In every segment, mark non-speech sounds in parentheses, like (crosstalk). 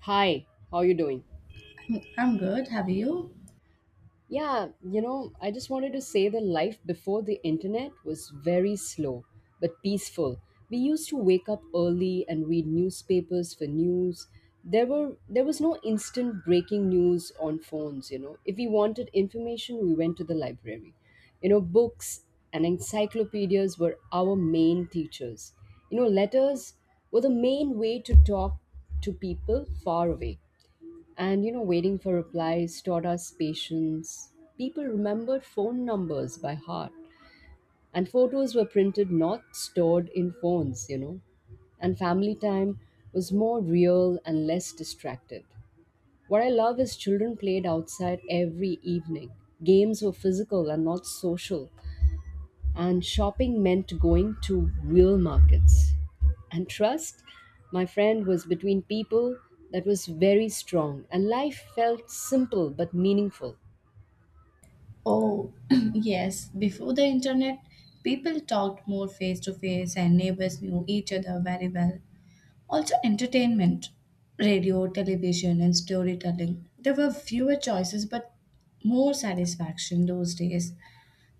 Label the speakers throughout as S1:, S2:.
S1: Hi, how you doing?
S2: I'm good. Have you?
S1: I just wanted to say that life before the internet was very slow but peaceful. We used to wake up early and read newspapers for news. There was no instant breaking news on phones, If we wanted information, we went to the library. You know, books and encyclopedias were our main teachers. You know, letters were the main way to talk to people far away. And you know, waiting for replies taught us patience. People remembered phone numbers by heart, and photos were printed, not stored in phones. And family time was more real and less distracted. What I love is children played outside every evening. Games were physical and not social, and shopping meant going to real markets. And trust, my friend, was between people that was very strong, and life felt simple but meaningful.
S2: Oh, (clears throat) yes. Before the internet, people talked more face to face and neighbors knew each other very well. Also, entertainment, radio, television, and storytelling. There were fewer choices but more satisfaction those days.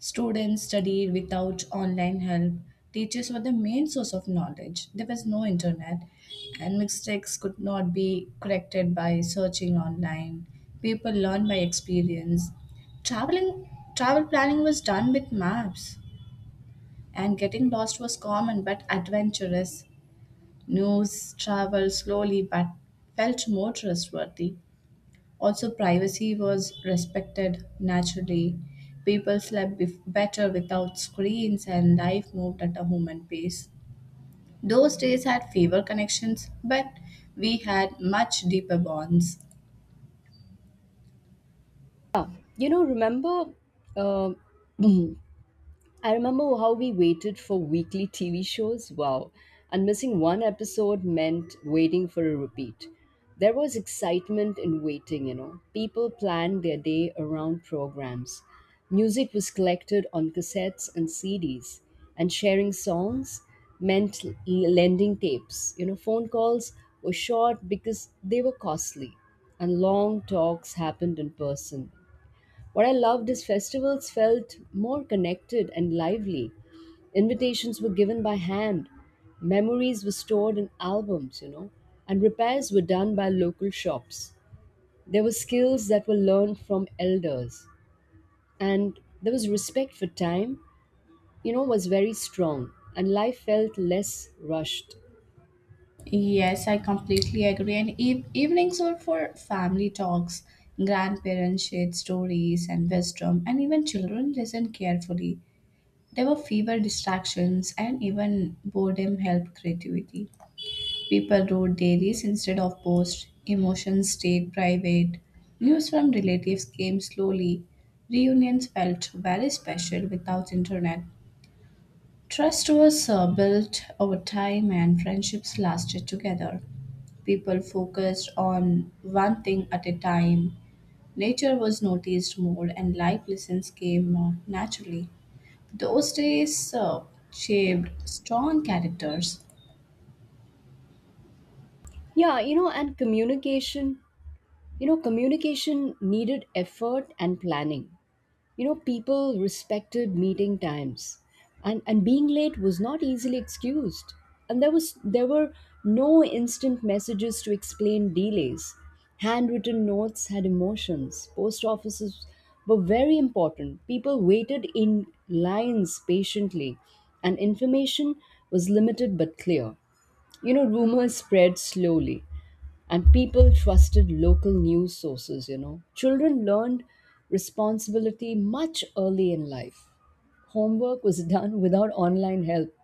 S2: Students studied without online help. Teachers were the main source of knowledge. There was no internet, and mistakes could not be corrected by searching online. People learned by experience. Traveling, travel planning was done with maps, and getting lost was common but adventurous. News traveled slowly but felt more trustworthy. Also, privacy was respected naturally. People slept better without screens, and life moved at a human pace. Those days had fewer connections, but we had much deeper bonds.
S1: Yeah, remember uh, (clears throat) I remember how we waited for weekly TV shows. Wow. And missing one episode meant waiting for a repeat. There was excitement in waiting. People planned their day around programs. Music was collected on cassettes and CDs, and sharing songs meant lending tapes. You know, phone calls were short because they were costly, and long talks happened in person. What I loved is festivals felt more connected and lively. Invitations were given by hand, memories were stored in albums, and repairs were done by local shops. There were skills that were learned from elders, and there was respect for time, was very strong, and life felt less rushed.
S2: Yes, I completely agree. And evenings were for family talks. Grandparents shared stories and wisdom, and even children listened carefully. There were fewer distractions, and even boredom helped creativity. People wrote diaries instead of posts. Emotions stayed private. News from relatives came slowly. Reunions felt very special without internet. Trust was built over time and friendships lasted together. People focused on one thing at a time. Nature was noticed more and life lessons came naturally. Those days shaped strong characters.
S1: Yeah, you know, and communication, communication needed effort and planning. You know people respected meeting times, and being late was not easily excused, and there were no instant messages to explain delays. Handwritten notes had emotions. Post offices were very important. People waited in lines patiently, and information was limited but clear. You know rumors spread slowly, and people trusted local news sources. You know children learned responsibility much early in life. Homework was (laughs) done without online help,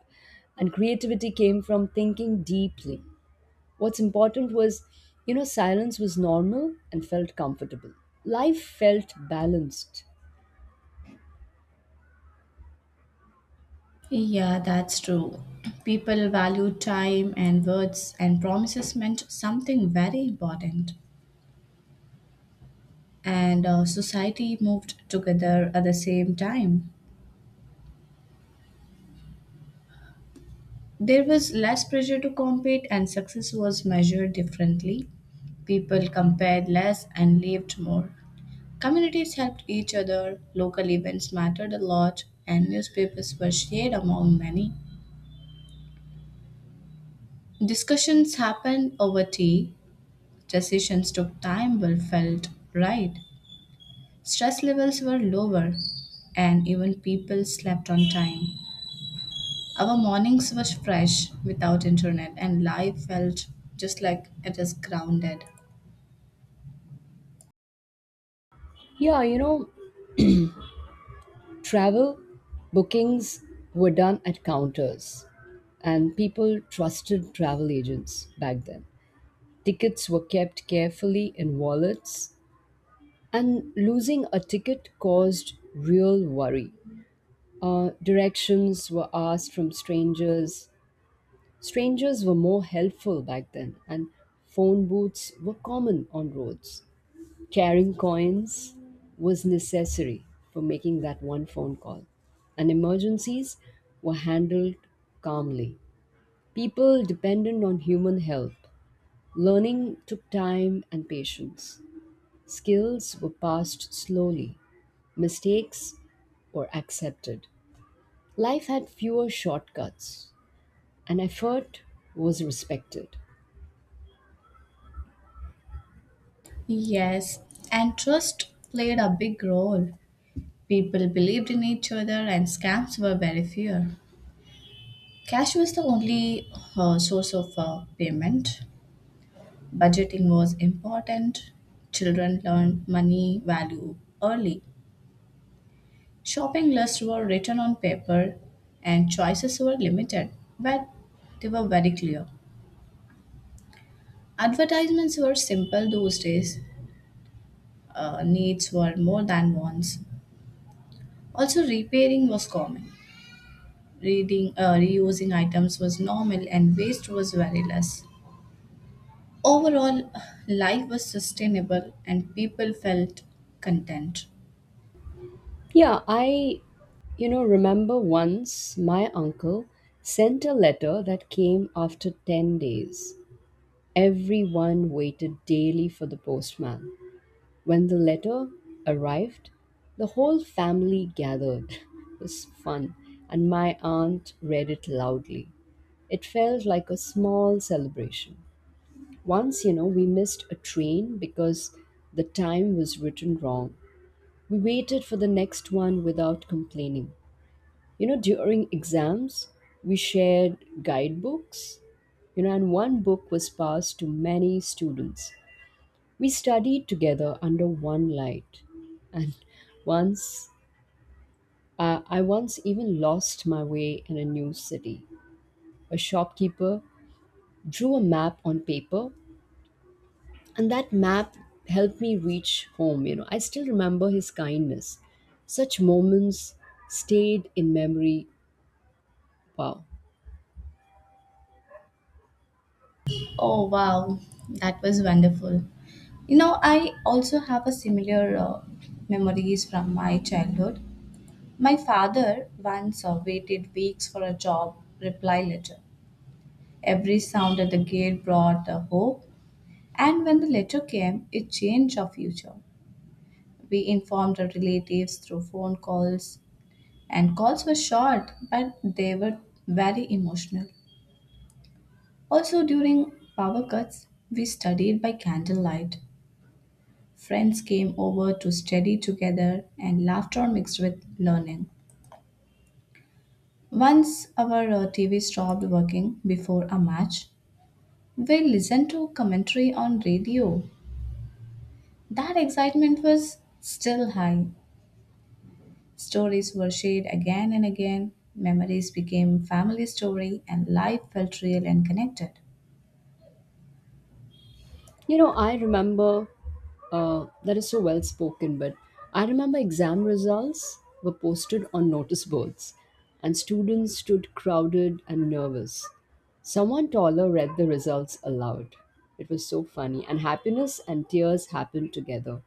S1: and creativity came from thinking deeply. What's important was, silence was normal and felt comfortable. Life felt balanced.
S2: Yeah, that's true. People value time and words and promises meant something very important. And society moved together at the same time. There was less pressure to compete, and success was measured differently. People compared less and lived more. Communities helped each other, local events mattered a lot, and newspapers were shared among many. Discussions happened over tea. Decisions took time but felt right. Stress levels were lower, and even people slept on time. Our mornings were fresh without internet, and life felt just like it is grounded.
S1: Yeah, travel bookings were done at counters, and people trusted travel agents back then. Tickets were kept carefully in wallets, and losing a ticket caused real worry. Directions were asked from strangers. Strangers were more helpful back then, and phone booths were common on roads. Carrying coins was necessary for making that one phone call, and emergencies were handled calmly. People depended on human help. Learning took time and patience. Skills were passed slowly, mistakes were accepted. Life had fewer shortcuts, and effort was respected.
S2: Yes, and trust played a big role. People believed in each other, and scams were very few. Cash was the only source of payment. Budgeting was important. Children learned money value early. Shopping lists were written on paper and choices were limited, but they were very clear. Advertisements were simple those days, needs were more than wants. Also, repairing was common. Reusing items was normal, and waste was very less. Overall, life was sustainable and people felt content.
S1: Yeah, I, remember once my uncle sent a letter that came after 10 days. Everyone waited daily for the postman. When the letter arrived, the whole family gathered. (laughs) It was fun, and my aunt read it loudly. It felt like a small celebration. Once, we missed a train because the time was written wrong. We waited for the next one without complaining. You know, during exams, we shared guidebooks, and one book was passed to many students. We studied together under one light. And once, I once even lost my way in a new city. A shopkeeper drew a map on paper, and that map helped me reach home. I still remember his kindness. Such moments stayed in memory. Wow.
S2: Oh, wow, that was wonderful. You know, I also have a similar memories from my childhood. My father once waited weeks for a job reply letter. Every sound at the gate brought hope, and when the letter came, it changed our future. We informed our relatives through phone calls, and calls were short, but they were very emotional. Also, during power cuts, we studied by candlelight. Friends came over to study together, and laughter mixed with learning. Once our TV stopped working before a match, we listened to commentary on radio. That excitement was still high. Stories were shared again and again. Memories became family story, and life felt real and connected.
S1: I remember, that is so well spoken, but I remember exam results were posted on notice boards, and students stood crowded and nervous. Someone taller read the results aloud. It was so funny, and happiness and tears happened together.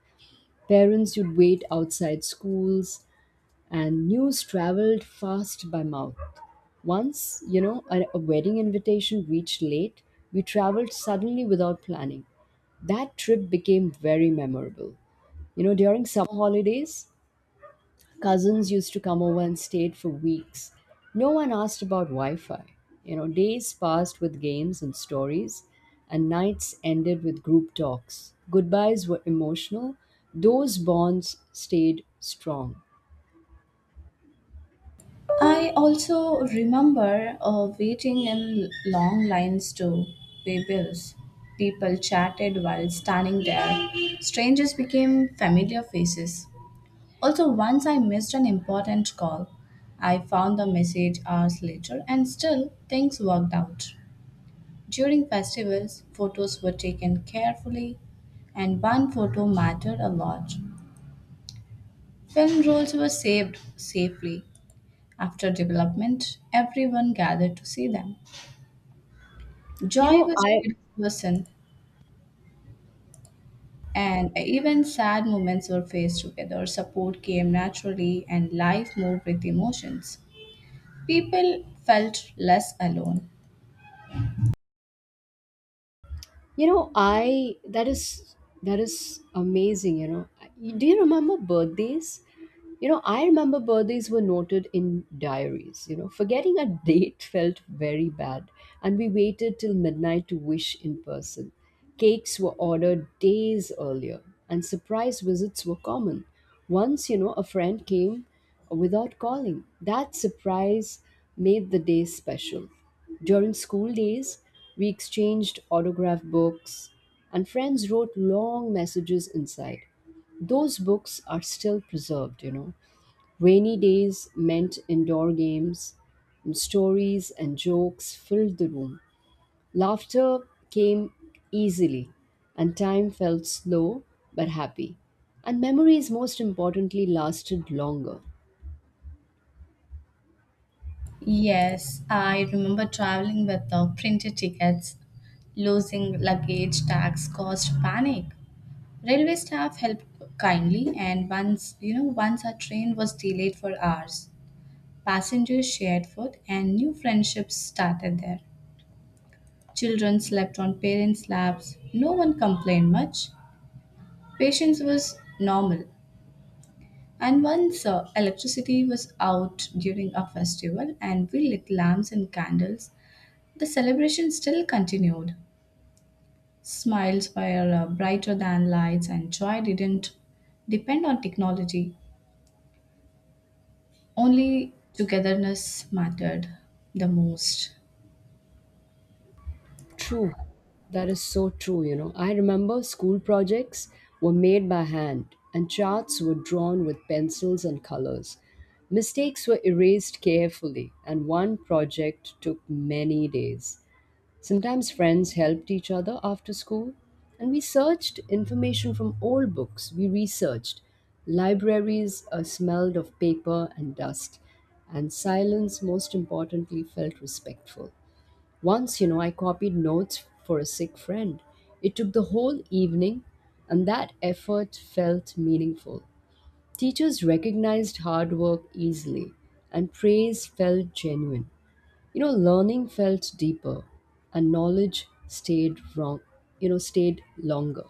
S1: Parents would wait outside schools, and news traveled fast by mouth. Once, a wedding invitation reached late, we traveled suddenly without planning. That trip became very memorable. You know, during summer holidays, cousins used to come over and stayed for weeks. No one asked about Wi Fi. You know, days passed with games and stories, and nights ended with group talks. Goodbyes were emotional, those bonds stayed strong.
S2: I also remember waiting in long lines to pay bills. People chatted while standing there. Strangers became familiar faces. Also, once I missed an important call. I found the message hours later and still things worked out. During festivals, photos were taken carefully and one photo mattered a lot. Film rolls were saved safely. After development, everyone gathered to see them.
S1: You
S2: Joy
S1: know,
S2: was
S1: I
S2: shared in person, and even sad moments were faced together. Support came naturally, and life moved with emotions. People felt less alone.
S1: You know, I that is amazing, you know. Do you remember birthdays? I remember birthdays were noted in diaries. You know, forgetting a date felt very bad, and we waited till midnight to wish in person. Cakes were ordered days earlier, and surprise visits were common. Once, a friend came without calling. That surprise made the day special. During school days, we exchanged autograph books, and friends wrote long messages inside. Those books are still preserved. Rainy days meant indoor games, and stories and jokes filled the room. Laughter came easily, and time felt slow but happy. And memories, most importantly, lasted longer.
S2: Yes, I remember traveling with the printed tickets. Losing luggage tax caused panic. Railway staff helped kindly, and once you know, once our train was delayed for hours. Passengers shared food, and new friendships started there. Children slept on parents' laps. No one complained much. Patience was normal. And once electricity was out during a festival and we lit lamps and candles, the celebration still continued. Smiles were brighter than lights, and joy didn't depend on technology. Only togetherness mattered the most.
S1: True. That is so true, you know. I remember school projects were made by hand, and charts were drawn with pencils and colors. Mistakes were erased carefully, and one project took many days. Sometimes friends helped each other after school, and we searched information from old books. We researched. Libraries smelled of paper and dust, and silence, most importantly, felt respectful. Once, I copied notes for a sick friend. It took the whole evening, and that effort felt meaningful. Teachers recognized hard work easily, and praise felt genuine. You know learning felt deeper, and knowledge stayed wrong, stayed longer.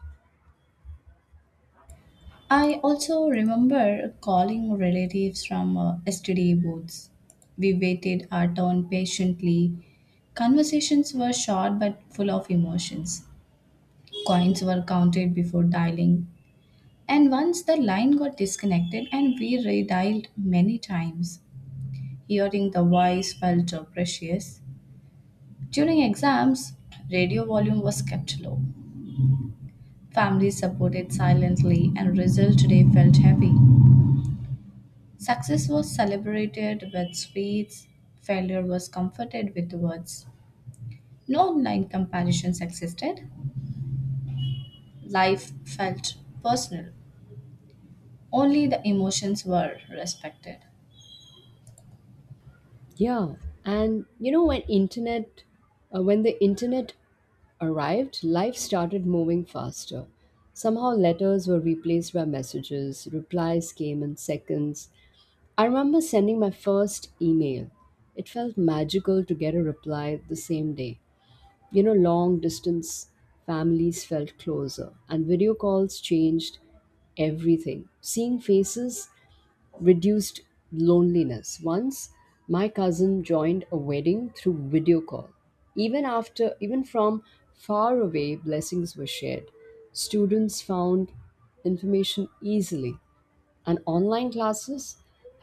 S2: I also remember calling relatives from STD booths. We waited our turn patiently. Conversations were short but full of emotions. Coins were counted before dialing. And once the line got disconnected and we redialed many times. Hearing the voice felt precious. During exams, radio volume was kept low. Families supported silently and result today felt heavy. Success was celebrated with sweets, failure was comforted with words. No online comparisons existed. Life felt personal. Only the emotions were respected.
S1: Yeah, and when the internet arrived, life started moving faster somehow. Letters were replaced by messages. Replies came in seconds. I remember sending my first email. It felt magical to get a reply the same day. You know long distance families felt closer, and video calls changed everything. Seeing faces reduced loneliness. Once my cousin joined a wedding through video call. Even from far away, blessings were shared. Students found information easily, and online classes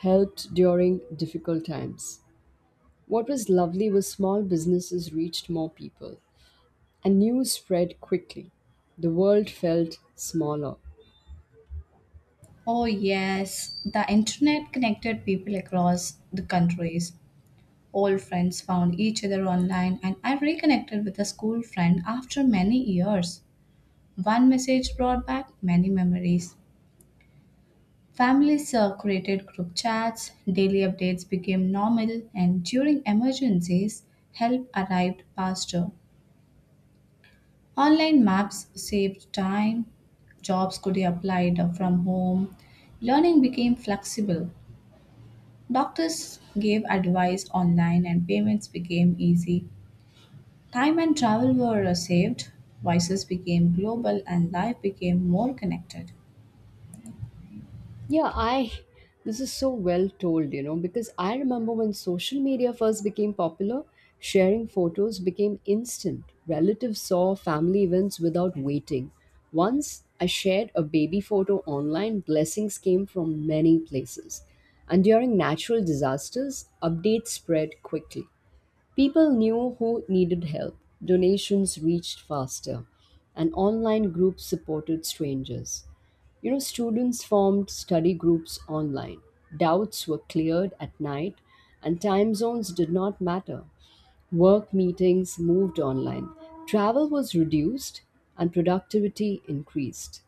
S1: helped during difficult times. What was lovely was small businesses reached more people, and news spread quickly. The world felt smaller.
S2: Oh, yes, the internet connected people across the countries. Old friends found each other online, and I reconnected with a school friend after many years. One message brought back many memories. Families created group chats, daily updates became normal, and during emergencies, help arrived faster. Online maps saved time, jobs could be applied from home, learning became flexible. Doctors gave advice online, and payments became easy. Time and travel were saved, voices became global, and life became more connected.
S1: Yeah, I. This is so well told, you know, because I remember when social media first became popular, sharing photos became instant. Relatives saw family events without waiting. Once I shared a baby photo online, blessings came from many places. And during natural disasters, updates spread quickly. People knew who needed help, donations reached faster, and online groups supported strangers. You know, students formed study groups online. Doubts were cleared at night, and time zones did not matter. Work meetings moved online. Travel was reduced, and productivity increased.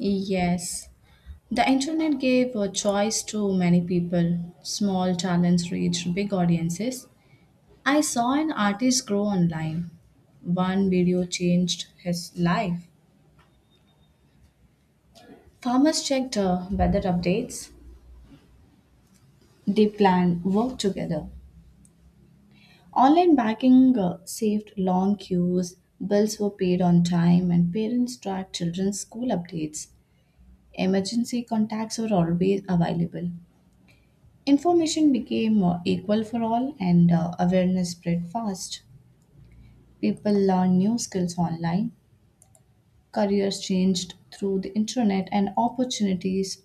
S2: Yes. The internet gave a choice to many people. Small talents reached big audiences. I saw an artist grow online. One video changed his life. Farmers checked weather updates. They planned work together. Online banking saved long queues. Bills were paid on time, and parents tracked children's school updates. Emergency contacts were always available. Information became equal for all and awareness spread fast. People learned new skills online, careers changed through the internet, and opportunities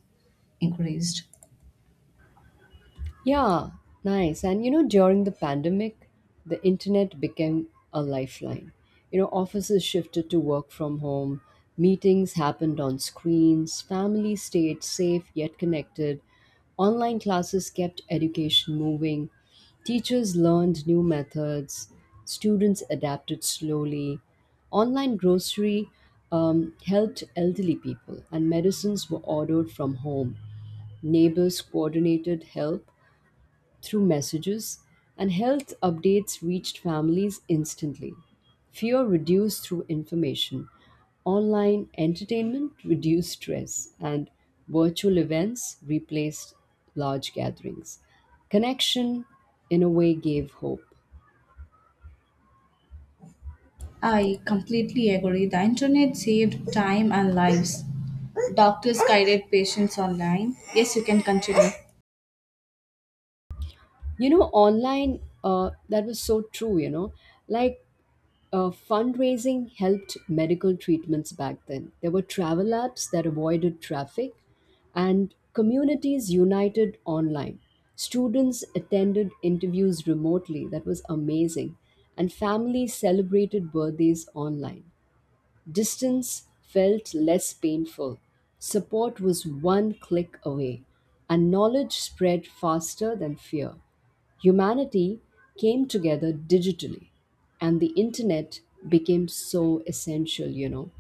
S2: increased.
S1: Yeah, nice. And you know, during the pandemic, the internet became a lifeline. You know, offices shifted to work from home, meetings happened on screens, families stayed safe yet connected, online classes kept education moving, teachers learned new methods, students adapted slowly. Online grocery helped elderly people, and medicines were ordered from home. Neighbors coordinated help through messages, and health updates reached families instantly. Fear reduced through information. Online entertainment reduced stress, and virtual events replaced large gatherings. Connection, in a way, gave hope.
S2: I completely agree. The internet saved time and lives. Doctors guided patients online. Yes, you can continue.
S1: That was so true, you know. Like Fundraising helped medical treatments back then. There were travel apps that avoided traffic, and communities united online. Students attended interviews remotely, that was amazing, and families celebrated birthdays online. Distance felt less painful. Support was one click away, and knowledge spread faster than fear. Humanity came together digitally, and the internet became so essential, you know.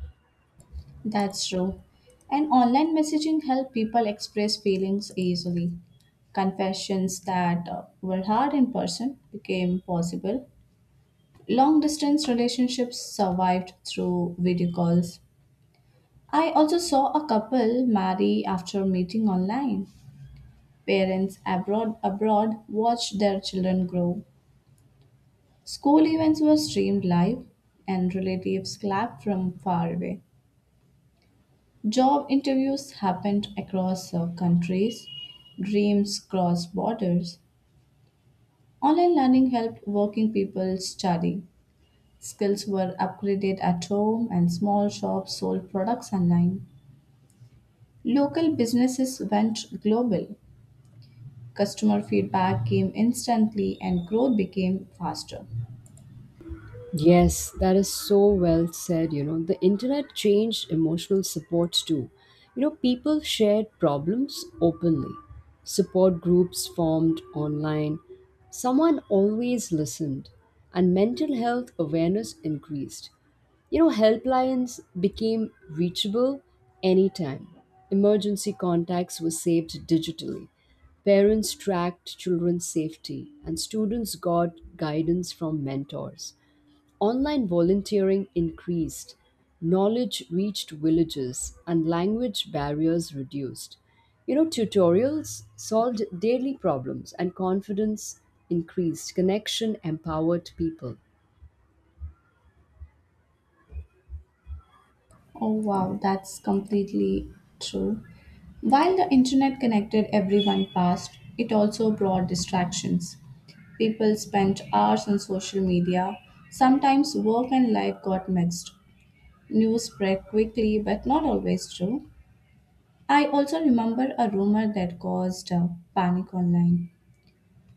S2: That's true. And online messaging helped people express feelings easily. Confessions that were hard in person became possible. Long distance relationships survived through video calls. I also saw a couple marry after meeting online. Parents abroad watched their children grow. School events were streamed live and relatives clapped from far away. Job interviews happened across countries. Dreams crossed borders. Online learning helped working people study. Skills were upgraded at home and small shops sold products online. Local businesses went global. Customer feedback came instantly and growth became faster.
S1: Yes, that is so well said. You know, the internet changed emotional supports too. You know, people shared problems openly. Support groups formed online. Someone always listened, and mental health awareness increased. You know, helplines became reachable anytime. Emergency contacts were saved digitally. Parents tracked children's safety, and students got guidance from mentors. Online volunteering increased, knowledge reached villages, and language barriers reduced. You know, tutorials solved daily problems, and confidence increased. Connection empowered people.
S2: Oh, wow, that's completely true. While the internet connected everyone fast, it also brought distractions. People spent hours on social media. Sometimes work and life got mixed. News spread quickly, but not always true. I also remember a rumor that caused panic online.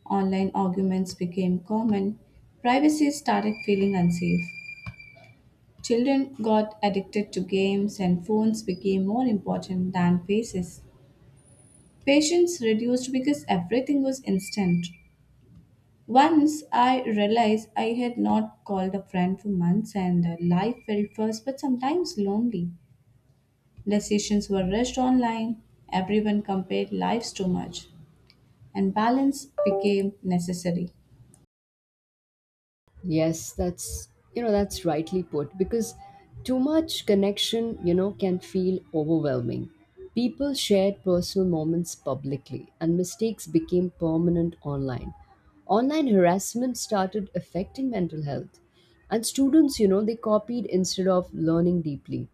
S2: Online arguments became common, privacy started feeling unsafe. Children got addicted to games, and phones became more important than faces. Patience reduced because everything was instant. Once I realized I had not called a friend for months, and life felt fast but sometimes lonely. Decisions were rushed online, everyone compared lives too much, and balance became necessary.
S1: Yes, that's you know that's rightly put, because too much connection, you know, can feel overwhelming. People shared personal moments publicly, and mistakes became permanent online. Online harassment started affecting mental health, and students, you know, they copied instead of learning deeply.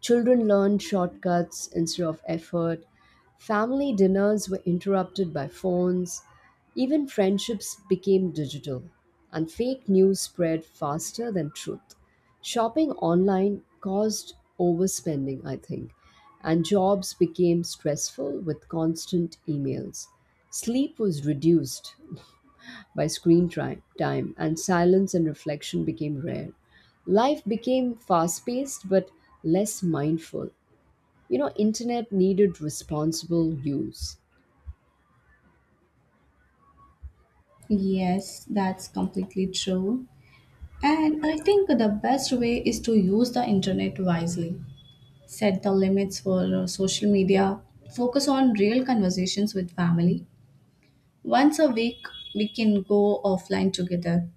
S1: Children learned shortcuts instead of effort. Family dinners were interrupted by phones. Even friendships became digital. And fake news spread faster than truth. Shopping online caused overspending, I think. And jobs became stressful with constant emails. Sleep was reduced by time, and silence and reflection became rare. Life became fast paced but less mindful. You know internet needed responsible use.
S2: Yes, that's completely true. And I think the best way is to use the internet wisely. Set the limits for social media. Focus on real conversations with family. Once a week, we can go offline together.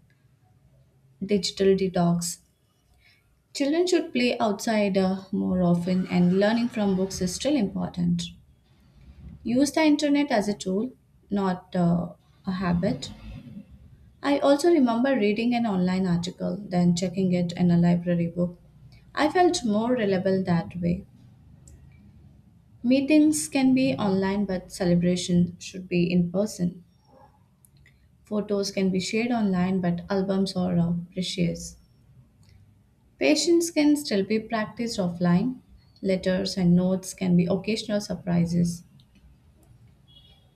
S2: Digital detox. Children should play outside more often, and learning from books is still important. Use the internet as a tool, not a habit. I also remember reading an online article, then checking it in a library book. I felt more reliable that way. Meetings can be online, but celebration should be in person. Photos can be shared online, but albums are precious. Patience can still be practiced offline. Letters and notes can be occasional surprises.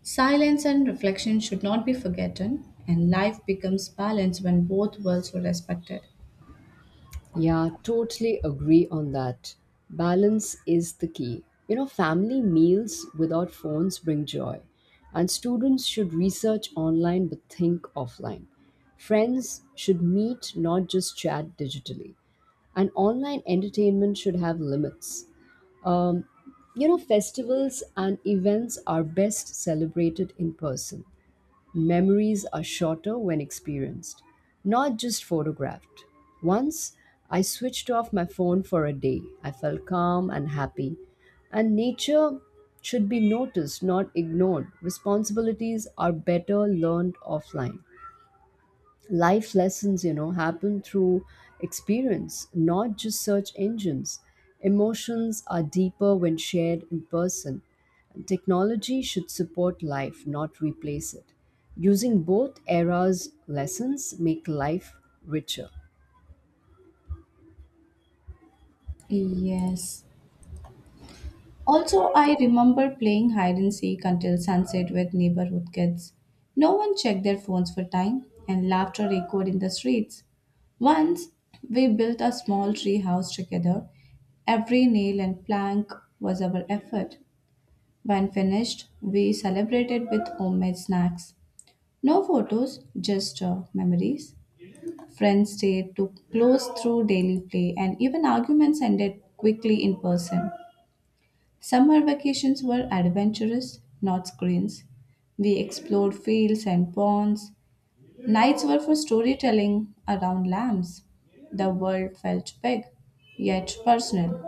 S2: Silence and reflection should not be forgotten, and life becomes balanced when both worlds are respected.
S1: Yeah, totally agree on that. Balance is the key, you know. Family meals without phones bring joy, and students should research online but think offline. Friends should meet, not just chat digitally, and online entertainment should have limits. Um, you know festivals and events are best celebrated in person. Memories are shorter when experienced, not just photographed. Once I switched off my phone for a day. I felt calm and happy. And nature should be noticed, not ignored. Responsibilities are better learned offline. Life lessons, happen through experience, not just search engines. Emotions are deeper when shared in person. Technology should support life, not replace it. Using both eras' lessons make life richer.
S2: Yes. Also, I remember playing hide and seek until sunset with neighborhood kids. No one checked their phones for time, and laughter echoed in the streets. Once, we built a small tree house together. Every nail and plank was our effort. When finished, we celebrated with homemade snacks. No photos, just memories. Friends stayed to close through daily play, and even arguments ended quickly in person. Summer vacations were adventurous, not screens. We explored fields and ponds. Nights were for storytelling around lamps. The world felt big, yet personal.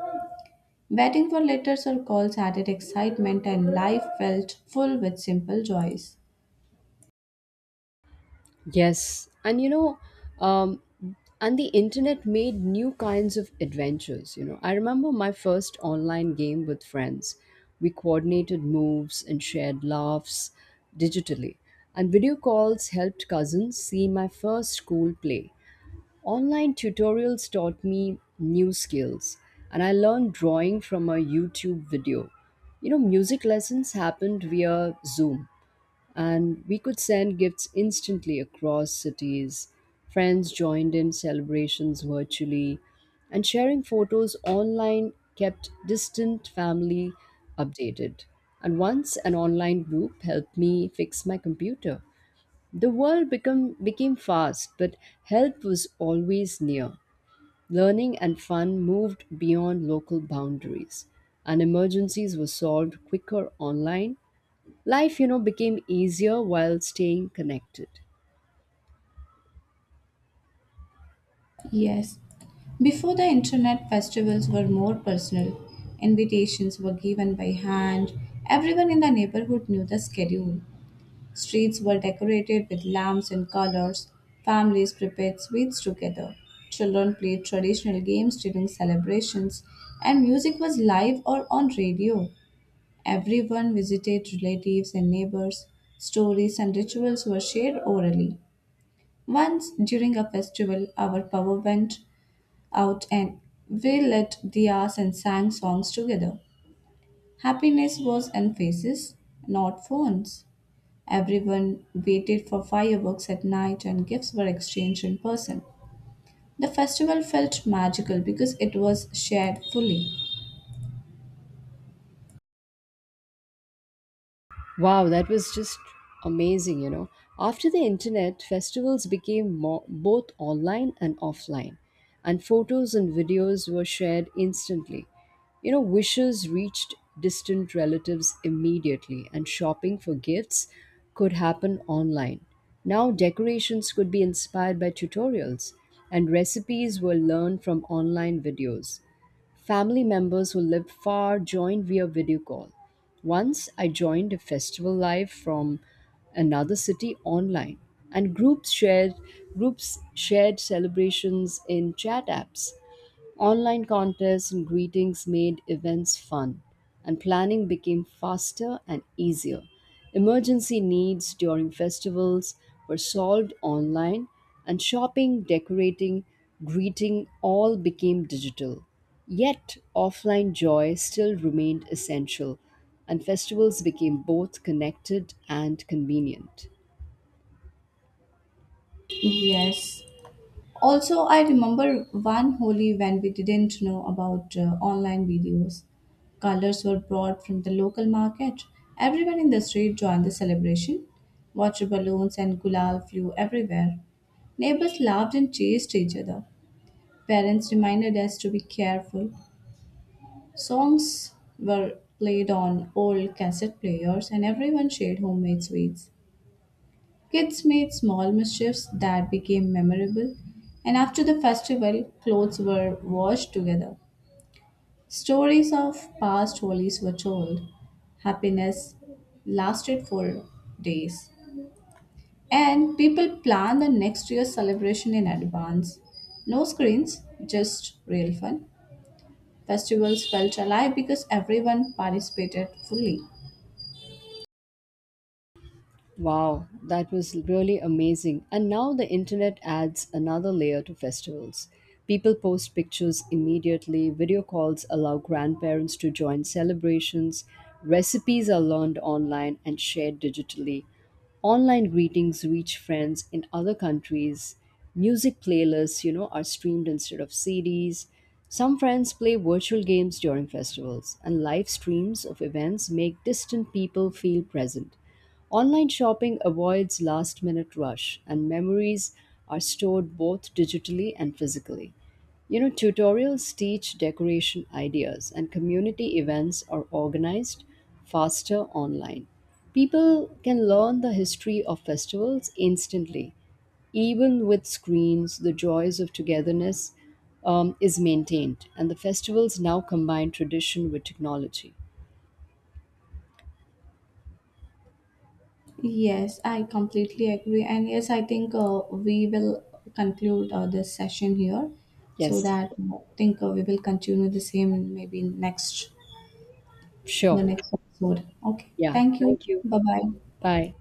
S2: Waiting for letters or calls added excitement, and life felt full with simple joys.
S1: Yes, um, and the internet made new kinds of adventures. I remember my first online game with friends. We coordinated moves and shared laughs digitally. And video calls helped cousins see my first school play. Online tutorials taught me new skills, and I learned drawing from a YouTube video. You know, music lessons happened via Zoom, and we could send gifts instantly across cities. Friends joined in celebrations virtually, and sharing photos online kept distant family updated. And once an online group helped me fix my computer. The became fast, but help was always near. Learning and fun moved beyond local boundaries, and emergencies were solved quicker online. Life, you know, became easier while staying connected.
S2: Yes. Before the internet, festivals were more personal. Invitations were given by hand. Everyone in the neighborhood knew the schedule. Streets were decorated with lamps and colors. Families prepared sweets together. Children played traditional games during celebrations, and music was live or on radio. Everyone visited relatives and neighbors. Stories and rituals were shared orally. Once during a festival, our power went out and we lit diyas and sang songs together. Happiness was in faces, not phones. Everyone waited for fireworks at night and gifts were exchanged in person. The festival felt magical because it was shared fully.
S1: Wow, that was just amazing, you know. After the internet, festivals became more, both online and offline, and photos and videos were shared instantly. You know, wishes reached distant relatives immediately, and shopping for gifts could happen online. Now, decorations could be inspired by tutorials, and recipes were learned from online videos. Family members who lived far joined via video call. Once I joined a festival live from another city online, and groups shared celebrations in chat apps. Online contests and greetings made events fun, and planning became faster and easier. Emergency needs during festivals were solved online, and shopping, decorating, greeting all became digital. Yet, offline joy still remained essential, and festivals became both connected and convenient.
S2: Yes. Also, I remember one Holi when we didn't know about online videos. Colors were brought from the local market. Everyone in the street joined the celebration. Water balloons and gulal flew everywhere. Neighbors laughed and chased each other. Parents reminded us to be careful. Songs were played on old cassette players, and everyone shared homemade sweets. Kids made small mischiefs that became memorable, and after the festival, clothes were washed together. Stories of past holies were told. Happiness lasted for days, and people planned the next year's celebration in advance. No screens, just real fun. Festivals felt alive because everyone participated fully.
S1: Wow, that was really amazing. And now the internet adds another layer to festivals. People post pictures immediately, video calls allow grandparents to join celebrations, recipes are learned online and shared digitally. Online greetings reach friends in other countries. Music playlists, you know, are streamed instead of CDs. Some friends play virtual games during festivals, and live streams of events make distant people feel present. Online shopping avoids last minute rush, and memories are stored both digitally and physically. You know, tutorials teach decoration ideas, and community events are organized faster online. People can learn the history of festivals instantly. Even with screens, the joys of togetherness is maintained, and the festivals now combine tradition with technology.
S2: Yes, I completely agree. And yes, I think we will conclude this session here so
S1: Yes,
S2: that I think we will continue the same maybe next, the
S1: sure.
S2: next episode. Okay.
S1: Yeah,
S2: Thank you.
S1: thank you.
S2: Bye bye.
S1: Bye.